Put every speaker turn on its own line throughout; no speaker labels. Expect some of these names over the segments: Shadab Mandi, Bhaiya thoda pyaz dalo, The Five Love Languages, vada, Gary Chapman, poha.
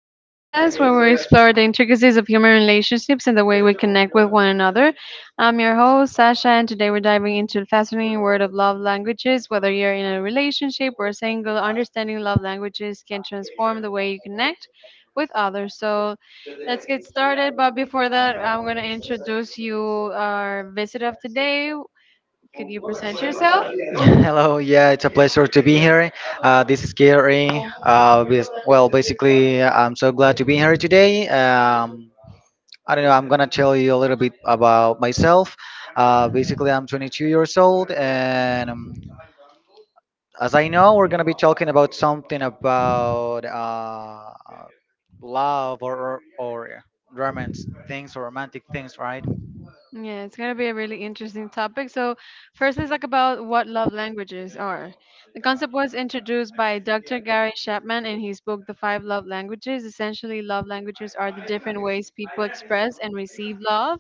new podcast where we explore the intricacies of human relationships and the way we connect with one another. I'm your host, Sasha, and today we're diving into the fascinating world of love languages. Whether you're in a relationship or single, understanding love languages can transform the way you connect with others. So let's get started. But before that, I'm going to introduce you our visit of today. Could you present yourself?
Hello, yeah, it's a pleasure to be here. This is Gary. Basically, I'm so glad to be here today. I don't know, I'm gonna tell you a little bit about myself. Basically, I'm 22 years old, and as I know, we're gonna be talking about something about love or romance things or romantic things, right?
Yeah, it's going to be a really interesting topic. So, first, let's talk about what love languages are. The concept was introduced by Dr. Gary Chapman in his book, The Five Love Languages. Essentially, love languages are the different ways people express and receive love.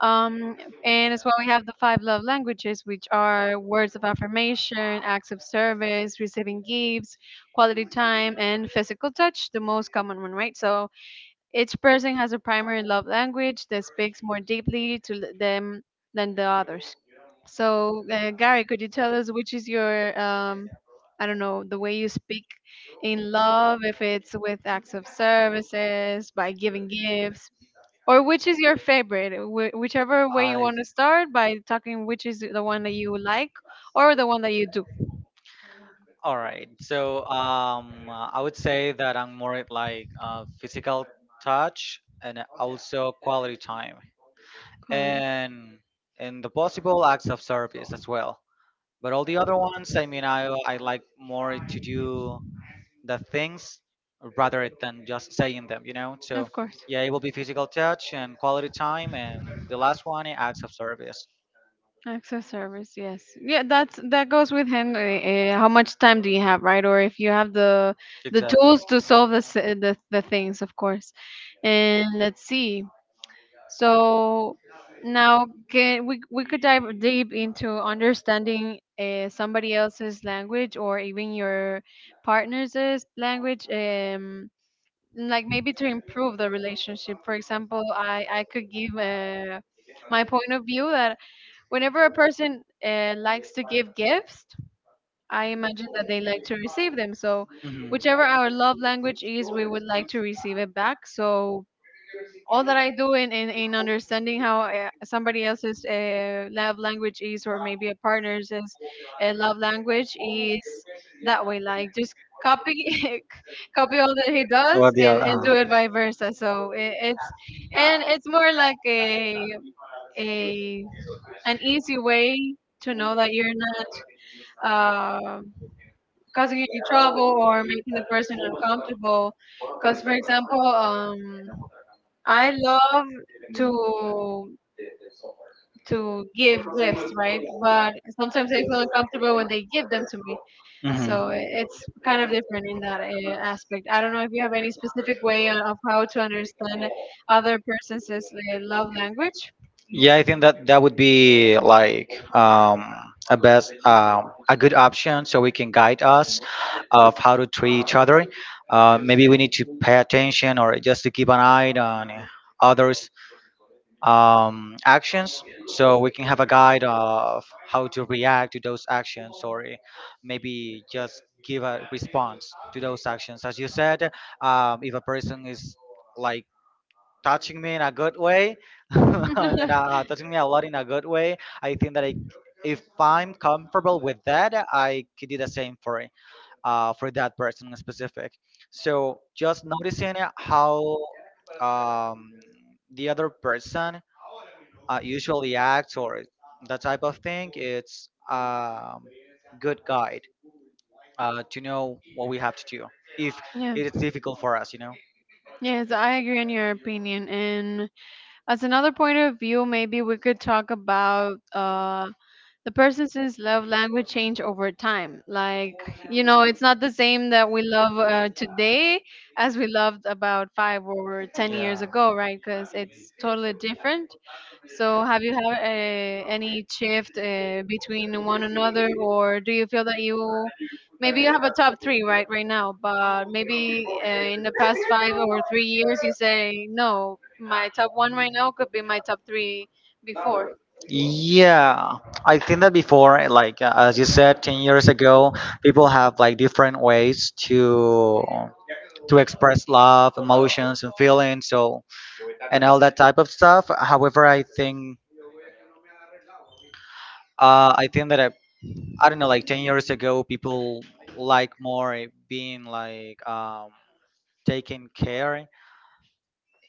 Um, and as well, we have the five love languages, which are words of affirmation, acts of service, receiving gifts, quality time, and physical touch, the most common one, right? So, each person has a primary love language that speaks more deeply to them than the others. So, Gary, could you tell us which is your, I don't know, the way you speak in love, if it's with acts of services, by giving gifts, or which is your favorite? Whichever way you want to start by talking, which is the one that you like or the one that you do.
All right. So I would say that I'm more like physical touch and also quality time
Colin.
and the possible acts of service as well. But all the other ones, I mean, I like more to do the things rather than just saying them. So
Of course.
yeah, it will be physical touch and quality time, and the last one, acts of service.
Access service, yes. Yeah, that goes with him. How much time do you have, right? Or if you have the
Exactly.
tools to solve the the things, of course. And let's see. So now can we could dive deep into understanding somebody else's language or even your partner's language. Like maybe to improve the relationship. For example, I could give my point of view that whenever a person likes to give gifts, I imagine that they like to receive them. So,
Mhm.
whichever our love language is, we would like to receive it back. So all that I do in understanding how somebody else's love language is, or maybe a partner's is, love language is that way. Like just copy copy all that he does
What the
and,
other?
and
Uh-huh.
do it vice versa. So it's and it's more like a an easy way to know that you're not uh, causing any trouble or making the person uncomfortable. Because for example, I love to to give gifts, right? But sometimes I feel uncomfortable when they give them to me.
Mhm.
So it's kind of different in that aspect. I don't know if you have any specific way of how to understand other person's love language.
Yeah, I think that would be like um, a best a good option, so we can guide us of how to treat each other. Maybe we need to pay attention or just to keep an eye on others actions so we can have a guide of how to react to those actions or maybe just give a response to those actions as you said. If a person is like touching me in a good way and touching me a lot in a good way, I think that I, if I'm comfortable with that, I could do the same for it, for that person in specific. So just noticing how um, the other person usually acts, or that type of thing, it's a good guide to know what we have to do if
Yeah.
it is difficult for us, you know?
Yes, I agree in your opinion. And as another point of view, maybe we could talk about the person's love language change over time, like, you know, it's not the same that we love today as we loved about 5 or 10 years
Yeah.
ago, right? Because it's totally different. So have you had any shift between one another, or do you feel that you maybe you have a top three right right now, but maybe in the past 5 or 3 years you say no, my top one right now could be my top three before?
Yeah. I think that before, like as you said, 10 years ago, people have like different ways to express love, emotions, and feelings, so and all that type of stuff. However, I think that I don't know, like 10 years ago, people like more being like taken care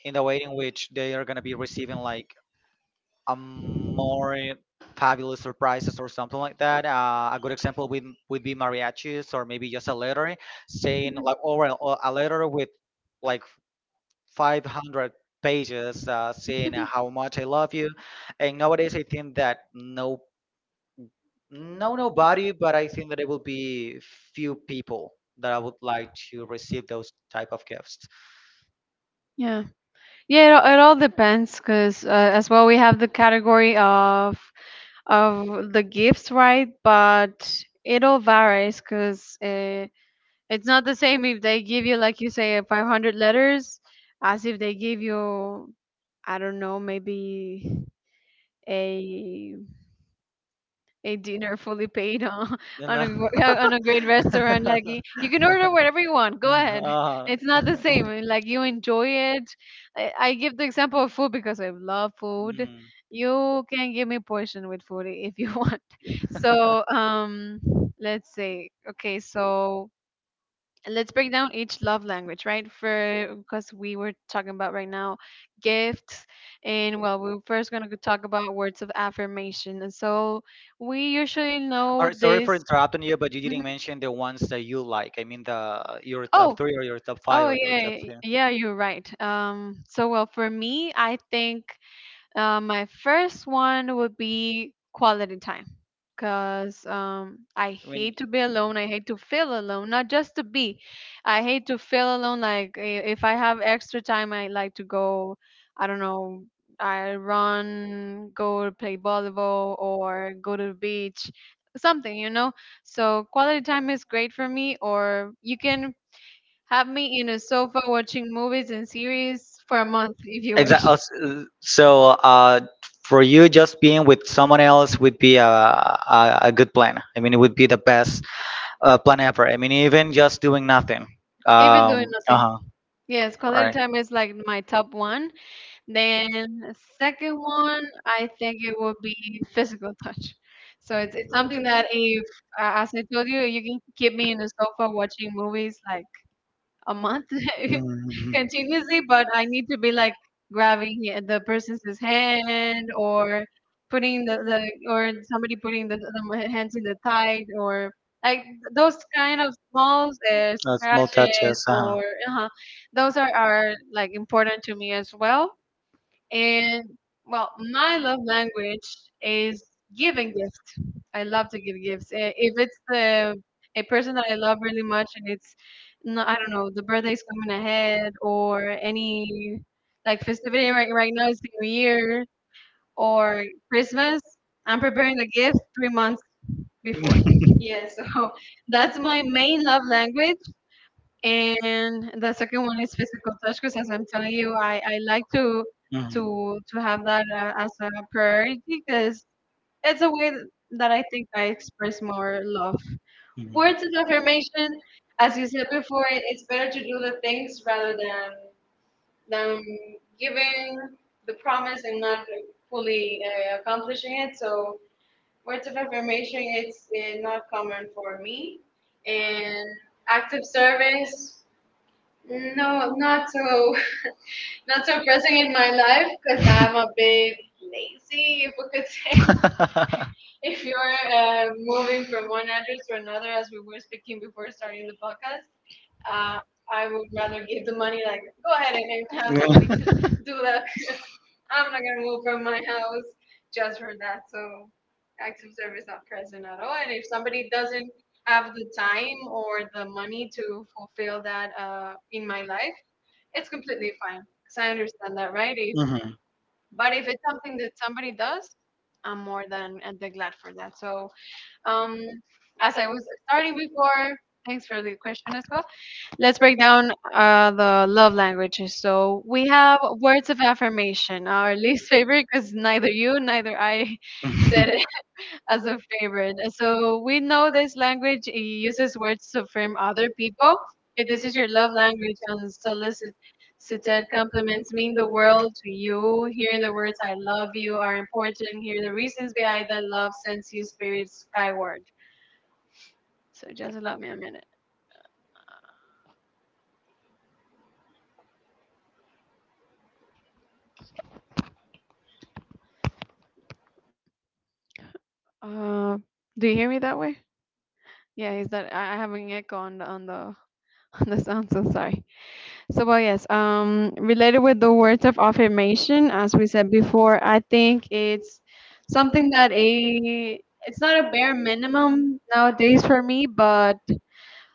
in the way in which they are gonna be receiving like a more fabulous surprises or something like that. A good example would be mariachis, or maybe just a letter saying like, or a letter with like 500 pages saying how much I love you. And nowadays, I think that No, nobody, but I think that it will be few people that I would like to receive those type of gifts.
Yeah, it all depends because as well we have the category of the gifts, right? But it all varies because it's not the same if they give you, like you say, 500 letters as if they give you, I don't know, maybe a a dinner fully paid on,
You
on a
know?
on a great restaurant. Like you can order whatever you want. Go ahead.
Uh,
It's not the same. Like you enjoy it. I give the example of food because I love food.
mm.
You can give me portion with food if you want. So let's say okay. So let's break down each love language, right? For because we were talking about right now gifts, and well, we're first gonna talk about words of affirmation. And so we usually
All
know
right, sorry for
this.
interrupting you, but you
Mhm.
didn't mention the ones that you like. I mean, the your top
Oh,
three, or your top five,
oh
or your top
yeah,
two.
yeah, you're right. So well, for me, I think my first one would be quality time because I
I mean,
hate to be alone. I hate to feel alone, not just to be. I hate to feel alone. Like if I have extra time, I like to go, I don't know, I run, go play volleyball, or go to the beach, something, you know? So quality time is great for me, or you can have me in a sofa watching movies and series for a month if you wish,
exactly. So, for you, just being with someone else would be a good plan. I mean, it would be the best plan ever. I mean, even just doing nothing.
even doing
Even
nothing.
uh-huh,
Yes, quality
right.
time is like my top one. Then second one, I think it would be physical touch. So it's something that if, as I told you, you can keep me in the sofa watching movies like a month.
Mm-hmm.
Continuously, but I need to be like grabbing the person's his hand or putting the or somebody putting the hands in the tide, or like those kind of small
Small
scratches
touches. Uh-huh.
or uh those are like important to me as well. And well, my love language is giving gifts. I love to give gifts. If it's a person that I love really much and it's, no, I don't know, the birthday's coming ahead or any like festivity, right, right now is the New Year or Christmas, I'm preparing the gift 3 months before.
Becoming
Yeah, so that's my main love language. And the second one is physical touch, because as I'm telling you, I like to
Mhm,
to to have that
I
as a priority because it's a way that I think I express more love. Words of affirmation, as you said before, it's better to do the things rather than than giving the promise and not fully accomplishing it. So words of affirmation, it's not common for me, and active service, no, not so. Not so pressing in my life, 'cause I'm a bit lazy, because
mhm.
if you're moving from one address to another, as we were speaking before starting the podcast, uh, I would rather give the money, like go ahead and then have somebody to do that. I'm not gonna move from my house just for that. So active service, not present at all. And if somebody doesn't have the time or the money to fulfill that in my life, it's completely fine. Because I understand that, right? If
Mhm.
But if it's something that somebody does, I'm more than and than glad for that. So, um, as I was starting before, thanks for the question as well. Let's break down the love languages. So we have words of affirmation, our least favorite, because neither you neither I
that
said as a favorite. So we know this language, it uses words to affirm other people. If this is your love language, unsolicited compliments mean the world to you. Hearing the words "I love you" are important. Hearing the reasons behind that love sends you spirits skyward. So just allow me a minute. Uh, do you hear me that way? Yeah, is that I have an echo on the on the sound? So sorry. So, well, yes, related with the words of affirmation, as we said before, I think it's something that a it's not a bare minimum nowadays for me, but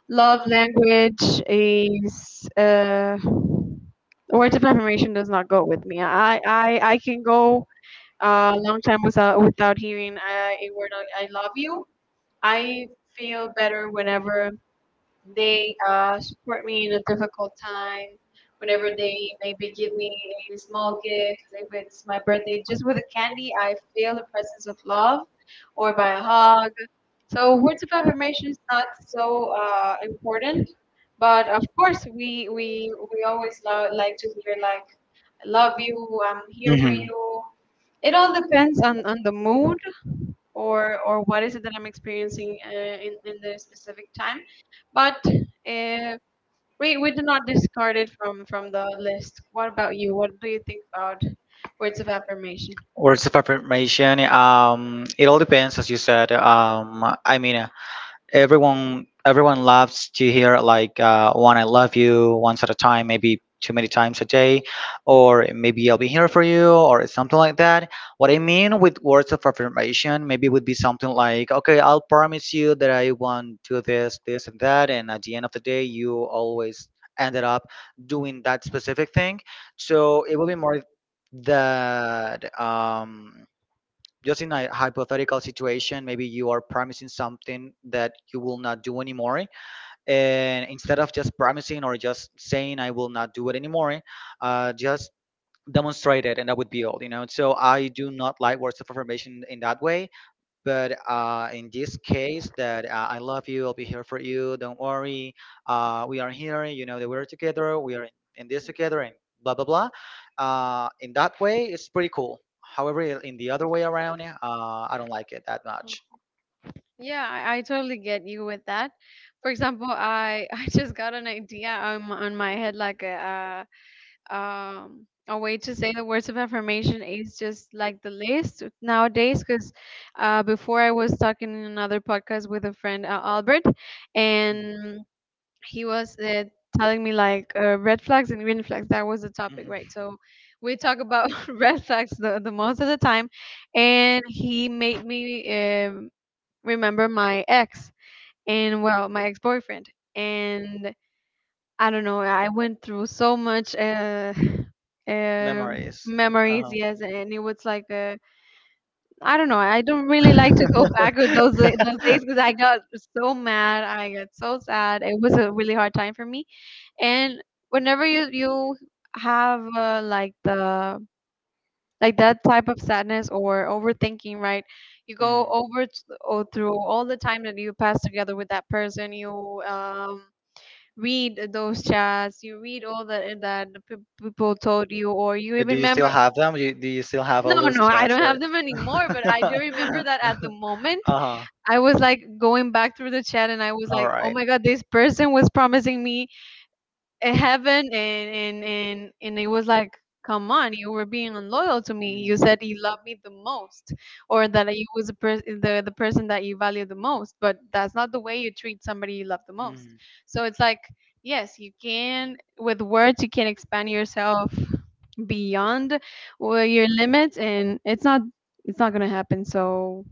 love language is words of affirmation does not go with me. I can go a long time without hearing a word like I love you. I feel better whenever they support me in a difficult time. Whenever they maybe give me a small gift, if it's my birthday, just with a candy, I feel the presence of love or by a hug. So words of affirmation is not so important, but of course we always like to hear like I love
I
you, I'm here for
hmm.
you. It all depends on the mood or what is it that I'm experiencing in the specific time. But uh, we do not discard it from the list. What about you? What do you think about words of affirmation?
Words of affirmation. It all depends, as you said. I mean, everyone loves to hear like one I love you once at a time, maybe too many times a day, or maybe I'll be here for you or something like that. What I mean with words of affirmation maybe would be something like, okay, I'll promise you that I won't do this, this, and that, and at the end of the day you always ended up doing that specific thing. So it will be more that, just in a hypothetical situation, maybe you are promising something that you will not do anymore, and instead of just promising or just saying I will not do it anymore, just demonstrate it, and that would be all, you know. So I do not like words of affirmation in that way. But in this case that I love you, I'll be here for you, don't worry, we are here, you know that we're together, we are in this together, and blah blah blah, in that way it's pretty cool. However, in the other way around, I don't like it that much.
Yeah, I totally get you with that. For example, I I just got an idea on on my head, like a way to say the words of affirmation is just like the list nowadays. Because before I was talking in another podcast with a friend, Albert, and he was telling me like red flags and green flags. That was the
Mhm.
topic,
Mhm.
right? So we talk about red flags the most of the time, and he made me um, remember my ex. And well, my ex-boyfriend, and I don't know, I went through so much uh,
Memories
memories.
uh-huh.
Yes. And it was like, I don't know, I don't really like to go back with those days because I got so mad, I got so sad. It was a really hard time for me. And whenever you have like the like that type of sadness or overthinking, right? You go
Mhm.
over t- or through all the time that you pass together with that person. You read those chats, you read all that, that people told you, or you
Do
even
you still
remember.
have them? Do you still have all
No,
those
no, I
chats?
don't
Or...
have them anymore, but I do remember that at the moment
uh-huh.
I was like going back through the chat, and I was
All
like, oh
right.
my God, this person was promising me. It happened, and it was like, come on, you were being unloyal to me. You
Mm.
said you loved me the most, or that you was the person that you value the most. But that's not the way you treat somebody you love the most.
Mm.
So it's like, yes, you can, with words you can expand yourself beyond where your limits. And it's not going to happen. So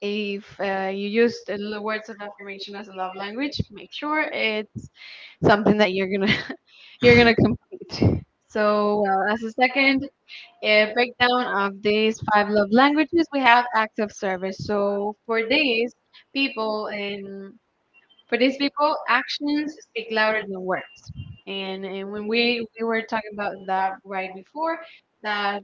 if you use words of affirmation as a love language, make sure it's something that you're going to you're gonna complete. So, well, as a second breakdown of these five love languages, we have active service. So for these people, and for these people, actions speak louder than words. And when we were talking about that right before, that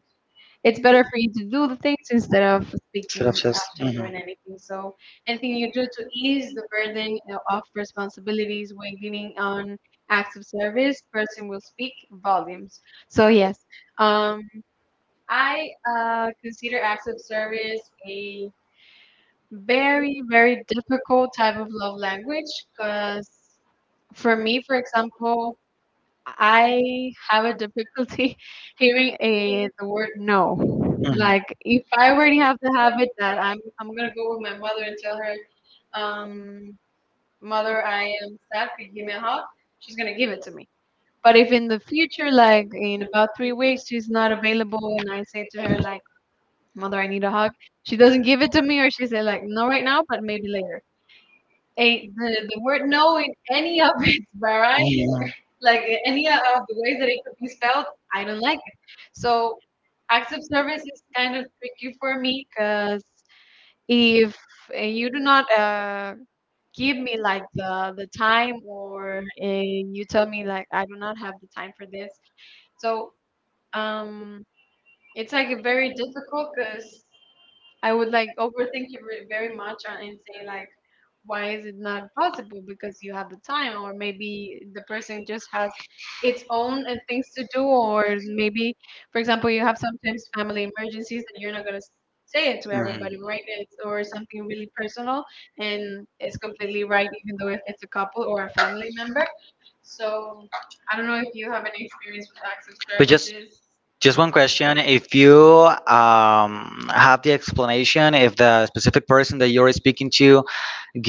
it's better for you to do the things instead of
Instead of
speaking
just.
after
Mhm. Mhm.
doing anything. So anything you do to ease the burden of responsibilities, weighing on acts of service, person will speak volumes. So yes, um, I consider acts of service a very very difficult type of love language, because for me, for example, I have a difficulty hearing a the word no. Like if I already have the habit that I'm gonna go with my mother and tell her, mother, I am sick. Give me a hug. She's gonna give it to me. But if in the future, like in about 3 weeks, she's not available, and I say to her like, mother, I need a hug. She doesn't give it to me, or she say like, no, right now, but maybe later. A the word no, in any of its varieties,
Mhm.
like any of the ways that it could be spelled, I don't like it. So acts of service is kind of tricky for me because if you do not give me like the time, or you tell me like, I do not have the time for this, so um, it's like a very difficult, because I would like overthink it very very much and say like, why is it not possible? Because you have the time, or maybe the person just has its own things to do, or maybe, for example, you have sometimes family emergencies and you're not going to say it to everybody, right? It's, or something really personal, and it's completely right, even though if it's a couple or a family member. So I don't know if you have any experience with acts of
But
services.
just one question: if you have the explanation, if the specific person that you're speaking to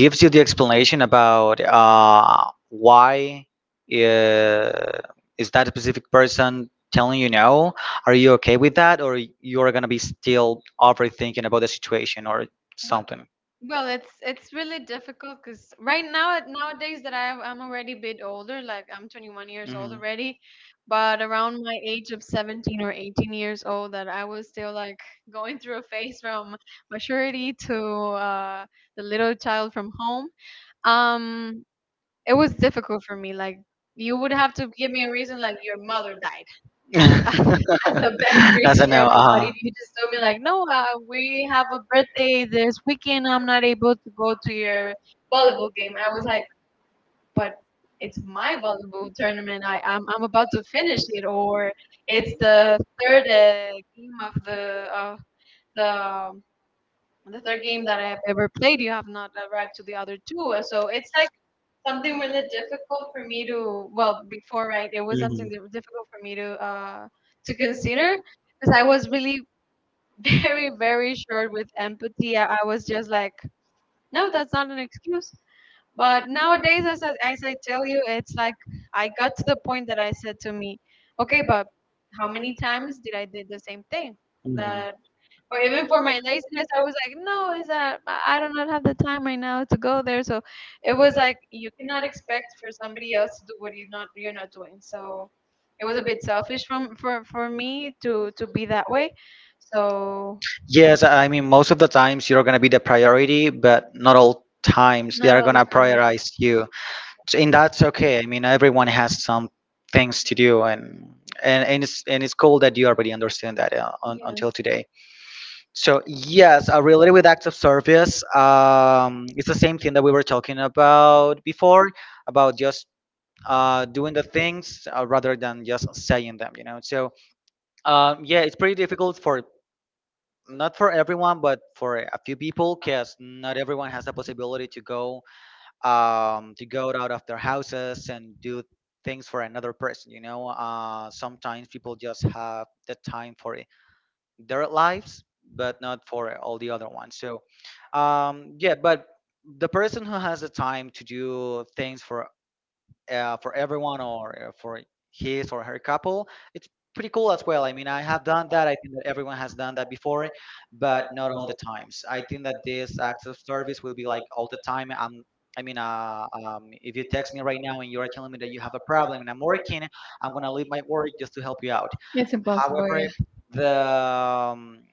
gives you the explanation about why uh, is that specific person telling you no, are you okay with that, or you're gonna be still overthinking about the situation or something?
Well, it's really difficult because right now, nowadays, that I'm already a bit older, like I'm 21 years old
Mhm.
already. But around my age of 17 or 18 years old, that I was still like going through a phase from maturity to the little child from home. Um, it was difficult for me. Like you would have to give me a reason, like, your mother died, as the best
That's a
reason
no.
ever. But
Uh-huh.
if you just told me like, no, we have a birthday this weekend, I'm not able to go to your volleyball game, and I was like, but it's my volleyball tournament. I'm about to finish it, or it's the third game of the um, the third game that I have ever played. You have not arrived to the other two, so it's like something really difficult for me to, well, before, right, it was something
Mhm,
that was difficult for me to consider, because I was really very, very short with empathy. I was just like, no, that's not an excuse. But nowadays, as I tell you, it's like I got to the point that I said to me, okay, but how many times did I did the same thing?
mhm.
That, or even for my laziness, I was like, no, is that I do not have the time right now to go there. So it was like, you cannot expect for somebody else to do what you're not doing. So it was a bit selfish from for me to be that way. So
Yes, I mean, most of the times you're going to be the priority, but not all times they
not
are
all
going
the
to
time, yeah,
prioritize you. So- And that's okay. I mean, everyone has some things to do, and it's, and it's cool that you already understand that
yeah.
until
It's
today. So yes, related with acts of service, it's the same thing that we were talking about before, about just doing the things rather than just saying them. You know, so yeah, it's pretty difficult for not for everyone, but for a few people, because not everyone has the possibility to go out of their houses and do things for another person. You know, sometimes people just have the time for it- their lives, but not for all the other ones. So, yeah, but the person who has the time to do things for everyone or for his or her couple, it's pretty cool as well. I mean, I have done that. I think that everyone has done that before, but not all the times. I think that this acts of service will be like all the time. I mean, if you text me right now and you are telling me that you have a problem and I'm working, I'm gonna leave my work just to help you out.
it's impossible,
However,
yeah.
the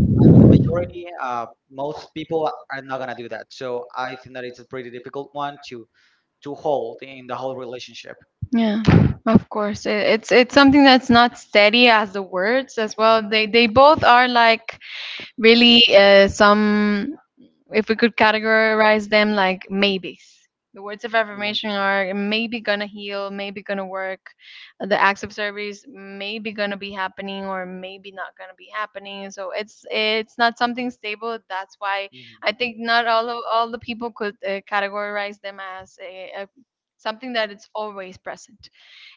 I mean, the majority, most people are not gonna do that. So I think that it's a pretty difficult one to hold in the whole relationship.
Yeah, of course. It's something that's not steady as the words as
Mhm.
well. They both are like really some, if we could categorize them like maybes. The words of
Mhm.
affirmation are maybe gonna heal, maybe gonna work. The acts of service maybe gonna be happening, or maybe not gonna be happening. So it's not something stable. That's why
Mhm.
I think not all of, all the people could categorize them as a something that it's always present.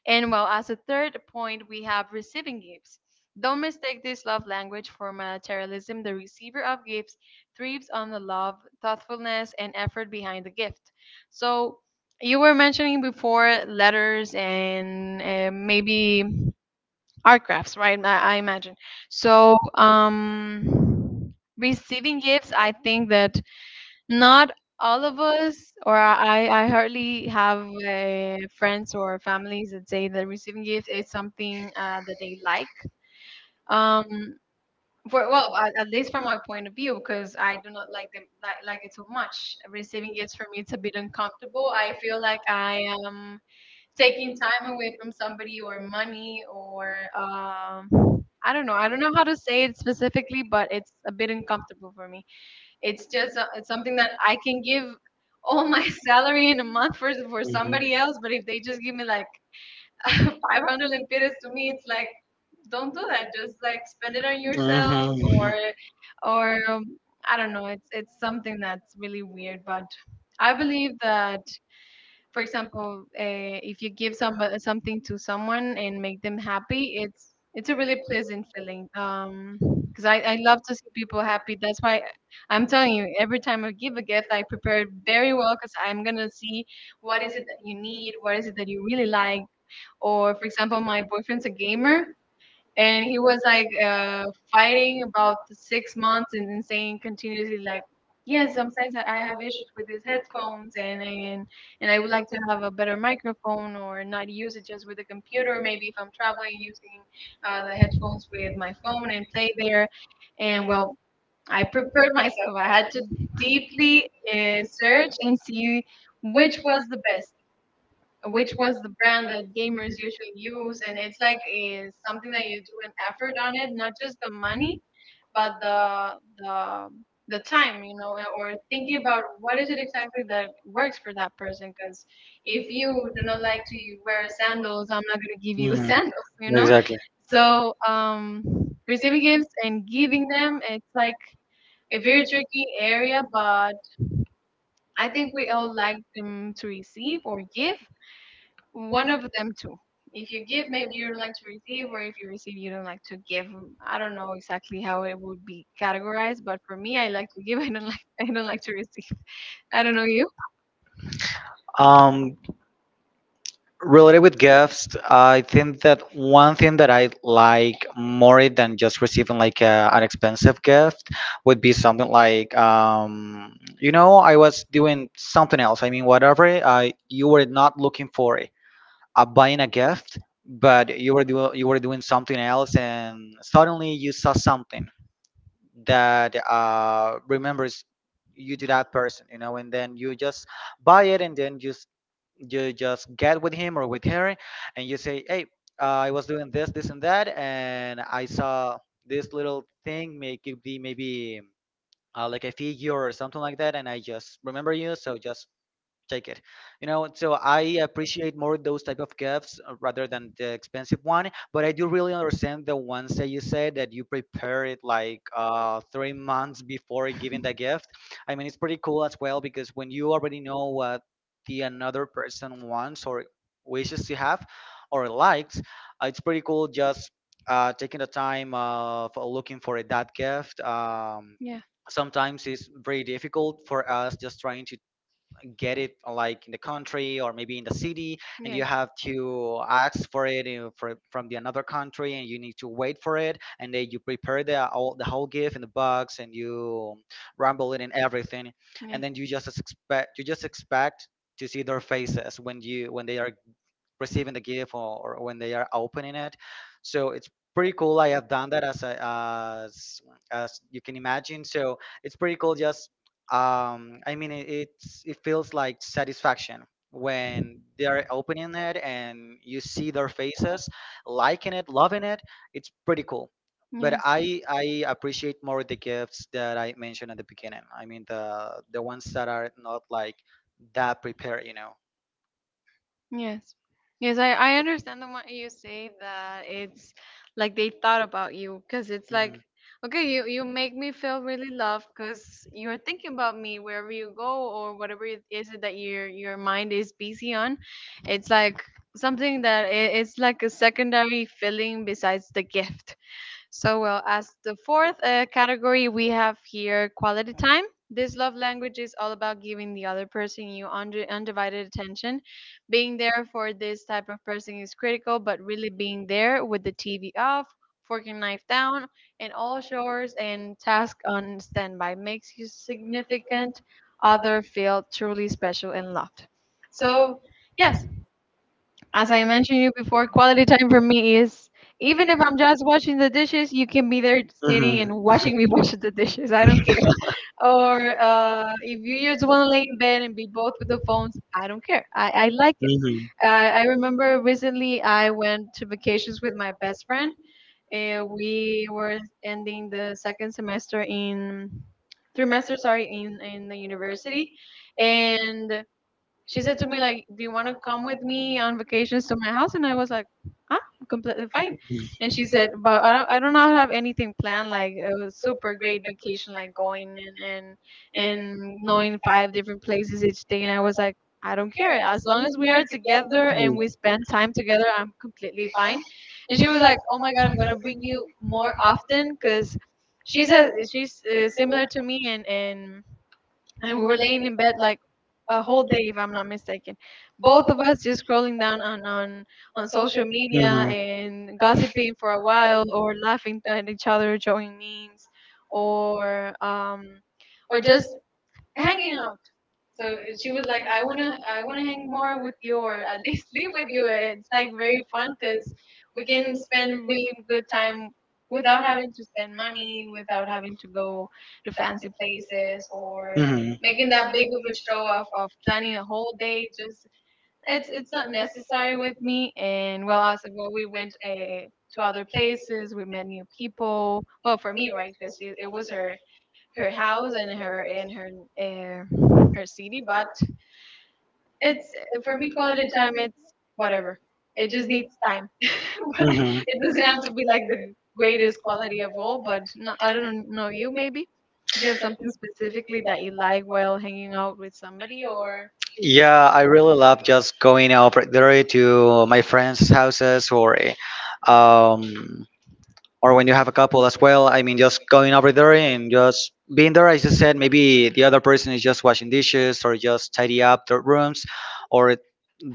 And well, as a third point, we have receiving gifts. Don't mistake this love language for materialism. The receiver of gifts thrives on the love, thoughtfulness, and effort behind the gift. So you were mentioning before letters and maybe art crafts, right? I imagine. So, receiving gifts, I think that not all of us, or I hardly have friends or families that say that receiving gifts is something that they like. Um, for well, at least from my point of view, because I do not like them, like it so much. Receiving gifts for me, it's a bit uncomfortable. I feel like I am taking time away from somebody, or money, or I don't know. I don't know how to say it specifically, but it's a bit uncomfortable for me. It's something that I can give all my salary in a month for
Mhm.
somebody else. But if they just give me
like
like 500 lempiras, to me it's like, don't do that. Just like spend it
like
on yourself,
Mhm.
or or I don't know. It's something that's really weird. But I believe that, for example, if you give something to someone and make them happy, it's a really pleasant feeling. Because I love to see people happy. That's why I'm telling you, every time I give a gift, I prepare it very well because I'm gonna see what is it that you need, what is it that you really like. Or for example, my boyfriend's a gamer, and he was like fighting about 6 months and then saying continuously, like, yes, sometimes I have issues with these headphones, and I would like to have a better microphone, or not use it just with the computer, maybe if I'm traveling, using the headphones with my phone and play there. And well, I prepared myself. I had to deeply search and see which was the best, which was the brand that gamers usually use. And it's like something that you do an effort on, it not just the money but the time, or thinking about what is it exactly that works for that person. Because if you do not like to wear sandals, I'm not going to give you
Mhm.
sandals, you know.
Exactly.
So receiving gifts and giving them, it's like a very tricky area. But I think we all like them, to receive or give one of them too. If you give, maybe you don't like to receive, or if you receive, you don't like to give. Mm, I don't know exactly how it would be categorized, but for me, I like to give. I don't like. I don't like to receive. I don't know you.
Um, Related with gifts, I think that one thing that I like more than just receiving like an expensive gift would be something like, you know, I was doing something else. I mean, whatever I you were not looking for, buying a gift, but you were you were doing something else, and suddenly you saw something that remembers you to that person, you know, and then you just buy it, and then just you just get with him or with her, and you say, hey, I was doing this, this, and that, and I saw this little thing, may could be maybe like a figure or something like that, and I just remember you, so just take it. You know, so I appreciate more those type of gifts rather than the expensive one. But I do really understand the ones that you said, that you prepare it like 3 months before giving the gift. I mean, it's pretty cool as well, because when you already know what the another person wants or wishes to have or likes, it's pretty cool just taking the time of looking for that gift.
Yeah.
Sometimes it's very difficult for us just trying to get it like in the country or maybe in the city, and you
Yes.
have to ask for it you for, from the another country, and you need to wait for it, and then you prepare the all the whole gift in the box, and you rumble it and everything,
Yeah.
and then you just expect to see their faces when you when they are receiving the gift, or when they are opening it. So it's pretty cool. I have done that as as you can imagine. So it's pretty cool. Just I mean, it's, it feels like satisfaction when they are opening it and you see their faces, liking it, loving it. It's pretty cool. But
Yes.
I appreciate more the gifts that I mentioned at the beginning. I mean the ones that are not like that prepared, you know.
Yes. Yes, I understand the what you say, that it's like they thought about you, because it's like, okay, you make me feel really loved because you're thinking about me wherever you go, or whatever it is that your mind is busy on. It's like something that it's like a secondary feeling besides the gift. So, well, as the fourth category, we have here quality time. This love language is all about giving the other person you undivided attention. Being there for this type of person is critical, but really being there with the TV off, fork and knife down, and all chores and tasks on standby makes you significant other feel truly special and loved. So, yes, as I mentioned you before, quality time for me is even if I'm just washing the dishes, you can be there sitting
Hmm
and watching me wash the dishes. I don't care. Or if you just want to lay in bed and be both with the phones, I don't care. I like it.
hmm
I remember recently I went to vacations with my best friend. We were ending the second semester in trimester, sorry, in the university. And she said to me like, "Do you want to come with me on vacations to my house?" And I was like, "I'm completely fine." And she said, "But I don't, I do not have anything planned. Like it was super great vacation, like going and knowing five different places each day." And I was like, "I don't care. As long as we are together and
Mm-hmm.
we spend time together, I'm completely fine." And she was like, "Oh my God, I'm gonna bring you more often because." She's similar to me, and we were laying in bed like a whole day if I'm not mistaken, both of us just scrolling down on social media and gossiping for a while, or laughing at each other showing memes, or um or just hanging out. So she was like, "I wanna hang more with you, or at least live with you." It's like very fun, because we can spend really good time without having to spend money, without having to go to fancy places, or
hmm
making that big of a show of planning a whole day. Just it's not necessary with me. And, well, as well, we went to other places. We met new people. Well, for me, right, because it was her house and her in her her city, but it's for me quality time. It's whatever. It just needs time.
hmm
It doesn't have to be like the greatest quality of all. But no, I don't know you. Maybe if you have something specifically that you like while hanging out with somebody, or
Yeah, I really love just going out regularly to my friends' houses, or um, or when you have a couple as well. I mean, just going over there and just being there, as you said, maybe the other person is just washing dishes or just tidy up their rooms or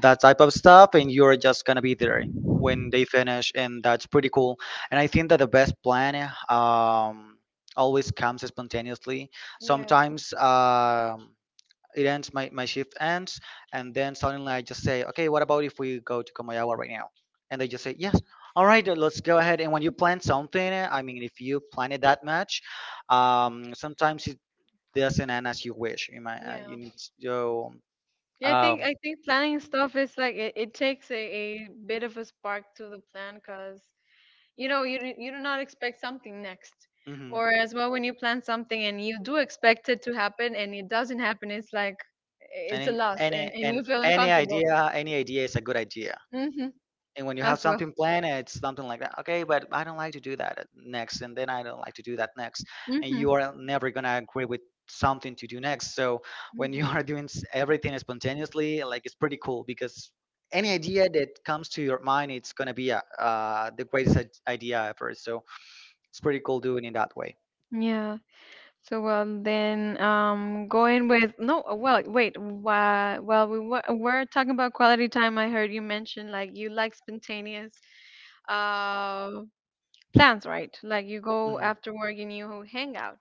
that type of stuff, and you're just gonna be there when they finish, and that's pretty cool. And I think that the best plan um, always comes spontaneously.
yeah,
Sometimes it ends, my shift ends, and then suddenly I just say, okay, what about if we go to Komayawa right now? And they just say yes, all right, let's go ahead. And when you plan something, I mean, if you plan it that much, sometimes it doesn't end as you wish. You might
yeah.
you need to
Yeah, I
um
think I think planning stuff is like it takes a bit of a spark to the plan, because you know you do not expect something next,
mhm.
or as well, when you plan something and you do expect it to happen and it doesn't happen, it's like
And
it's a loss,
any,
and
and
you feel
any
uncomfortable
idea, any idea is a good idea.
hmm
And when you have
as well.
something planned, it's something like that, okay, but I don't like to do that next, and then I don't like to do that next, and you
Hmm,
are never going to agree with something to do next. So when you are doing everything spontaneously, like, it's pretty cool, because any idea that comes to your mind, it's going to be the greatest idea ever. So it's pretty cool doing it that way.
yeah. So, well then, going with no. Well, wait. Why? Well, we're talking about quality time. I heard you mention like you like spontaneous uh plans, right? Like you go
Mhm.
after work and you hang out.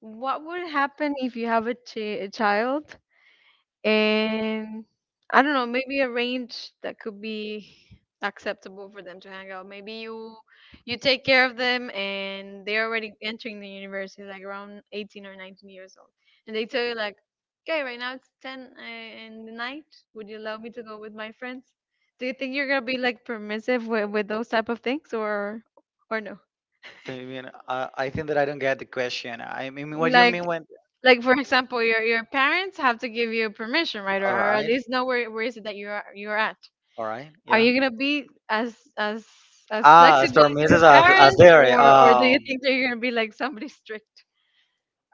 What would happen if you have a child, and I don't know, maybe a range that could be acceptable for them to hang out. Maybe you take care of them and they're already entering the university like around 18 or 19 years old. And they tell you like, "Okay, right now it's 10 in the night. Would you allow me to go with my friends?" Do you think you're going to be like permissive with those type of things, or no?
Do you mean, I think that I don't get the question. I mean, what do you
Like
mean when,
Like for example, your parents have to give you permission, right? Or,
all
or at
right,
least know where is it that you're at.
all right,
Are
yeah.
you gonna be as
Ah,
flexible
Storm
as
is
your
a
parents,
theory.
or do you think that you're gonna be like somebody strict?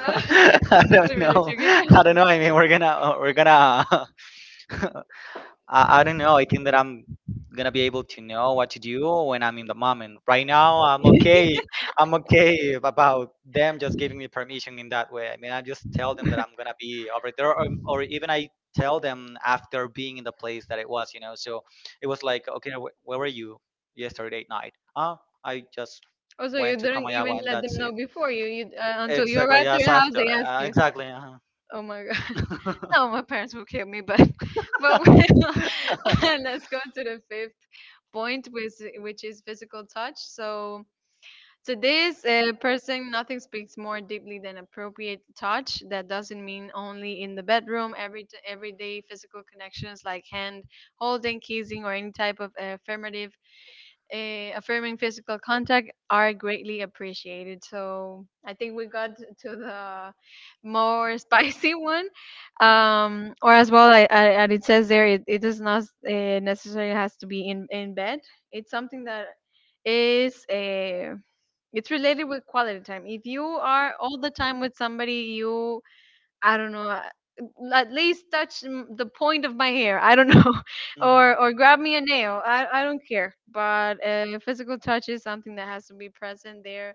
It's a
don't
really
know.
tricky
I don't
question.
know. I mean, we're gonna I don't know. I think that I'm gonna be able to know what to do when I'm in the moment. Right now, I'm okay. I'm okay about them just giving me permission in that way. I mean, I just tell them that I'm gonna be over there, or even I tell them after being in the place that it was, you know. So it was like, okay, where were you yesterday night? Ah, I just
Also, you
went to
didn't even
Kamayawa, and
let them
that's
know
it.
before you you until you
Exactly.
arrived to
Yes,
your house.
after.
They asked you.
Exactly. Uh-huh.
Oh my God! No, my parents will kill me, but but we let's go to the fifth point, which is physical touch. So, to this person, nothing speaks more deeply than appropriate touch. That doesn't mean only in the bedroom. Every everyday physical connections like hand holding, kissing, or any type of affirming physical contact are greatly appreciated. So I think we got to the more spicy one, or as well. And it says there, it does not necessarily has to be in bed. It's something that is eh, it's related with quality time. If you are all the time with somebody, I don't know, at least touch the point of my hair. I don't know,
Mhm.
or grab me a nail. I don't care. But physical touch is something that has to be present there.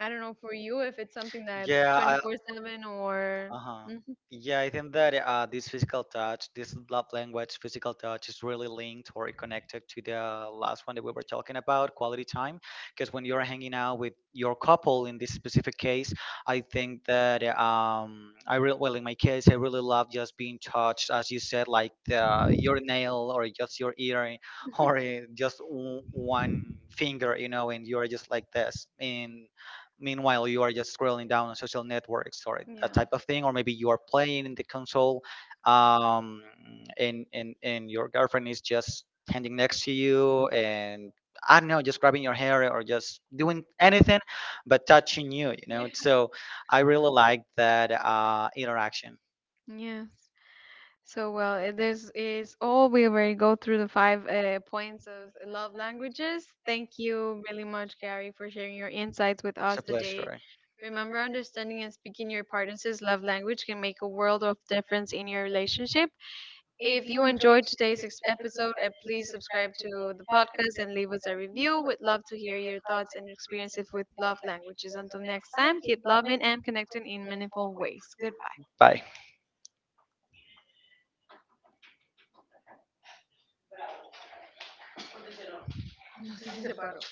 I
I don't
don't know
know for
for you
you if
if it's
it's
something
something that is
that
yeah,
twenty
I,
four
24/7
seven
or
or.
uh-huh.
Mhm.
Yeah, I think that this physical touch, this love language, physical touch, is really linked or connected to the last one that we were talking about, quality time. Because when you're hanging out with your couple in this specific case, I think that I really, well, in my case, I really love just being touched, as you said, like your nail or just your ear or just one finger, you know, and you're just like this. And meanwhile you are just scrolling down on social networks or that
Yeah.
type of thing, or maybe you are playing in the console, um, and your girlfriend is just standing next to you, and I don't know, just grabbing your hair or just doing anything but touching you, you know. So I really like that interaction.
Yes. So, well, this is all. We already go through the five points of love languages. Thank you really much, Gary, for sharing your insights with
It's
us
a
today.
pleasure,
Remember, understanding and speaking your partner's love language can make a world of difference in your relationship. If you enjoyed today's episode, please subscribe to the podcast and leave us a review. We'd love to hear your thoughts and experiences with love languages. Until next time, keep loving and connecting in meaningful ways. Goodbye.
bye.
No sé si se paró.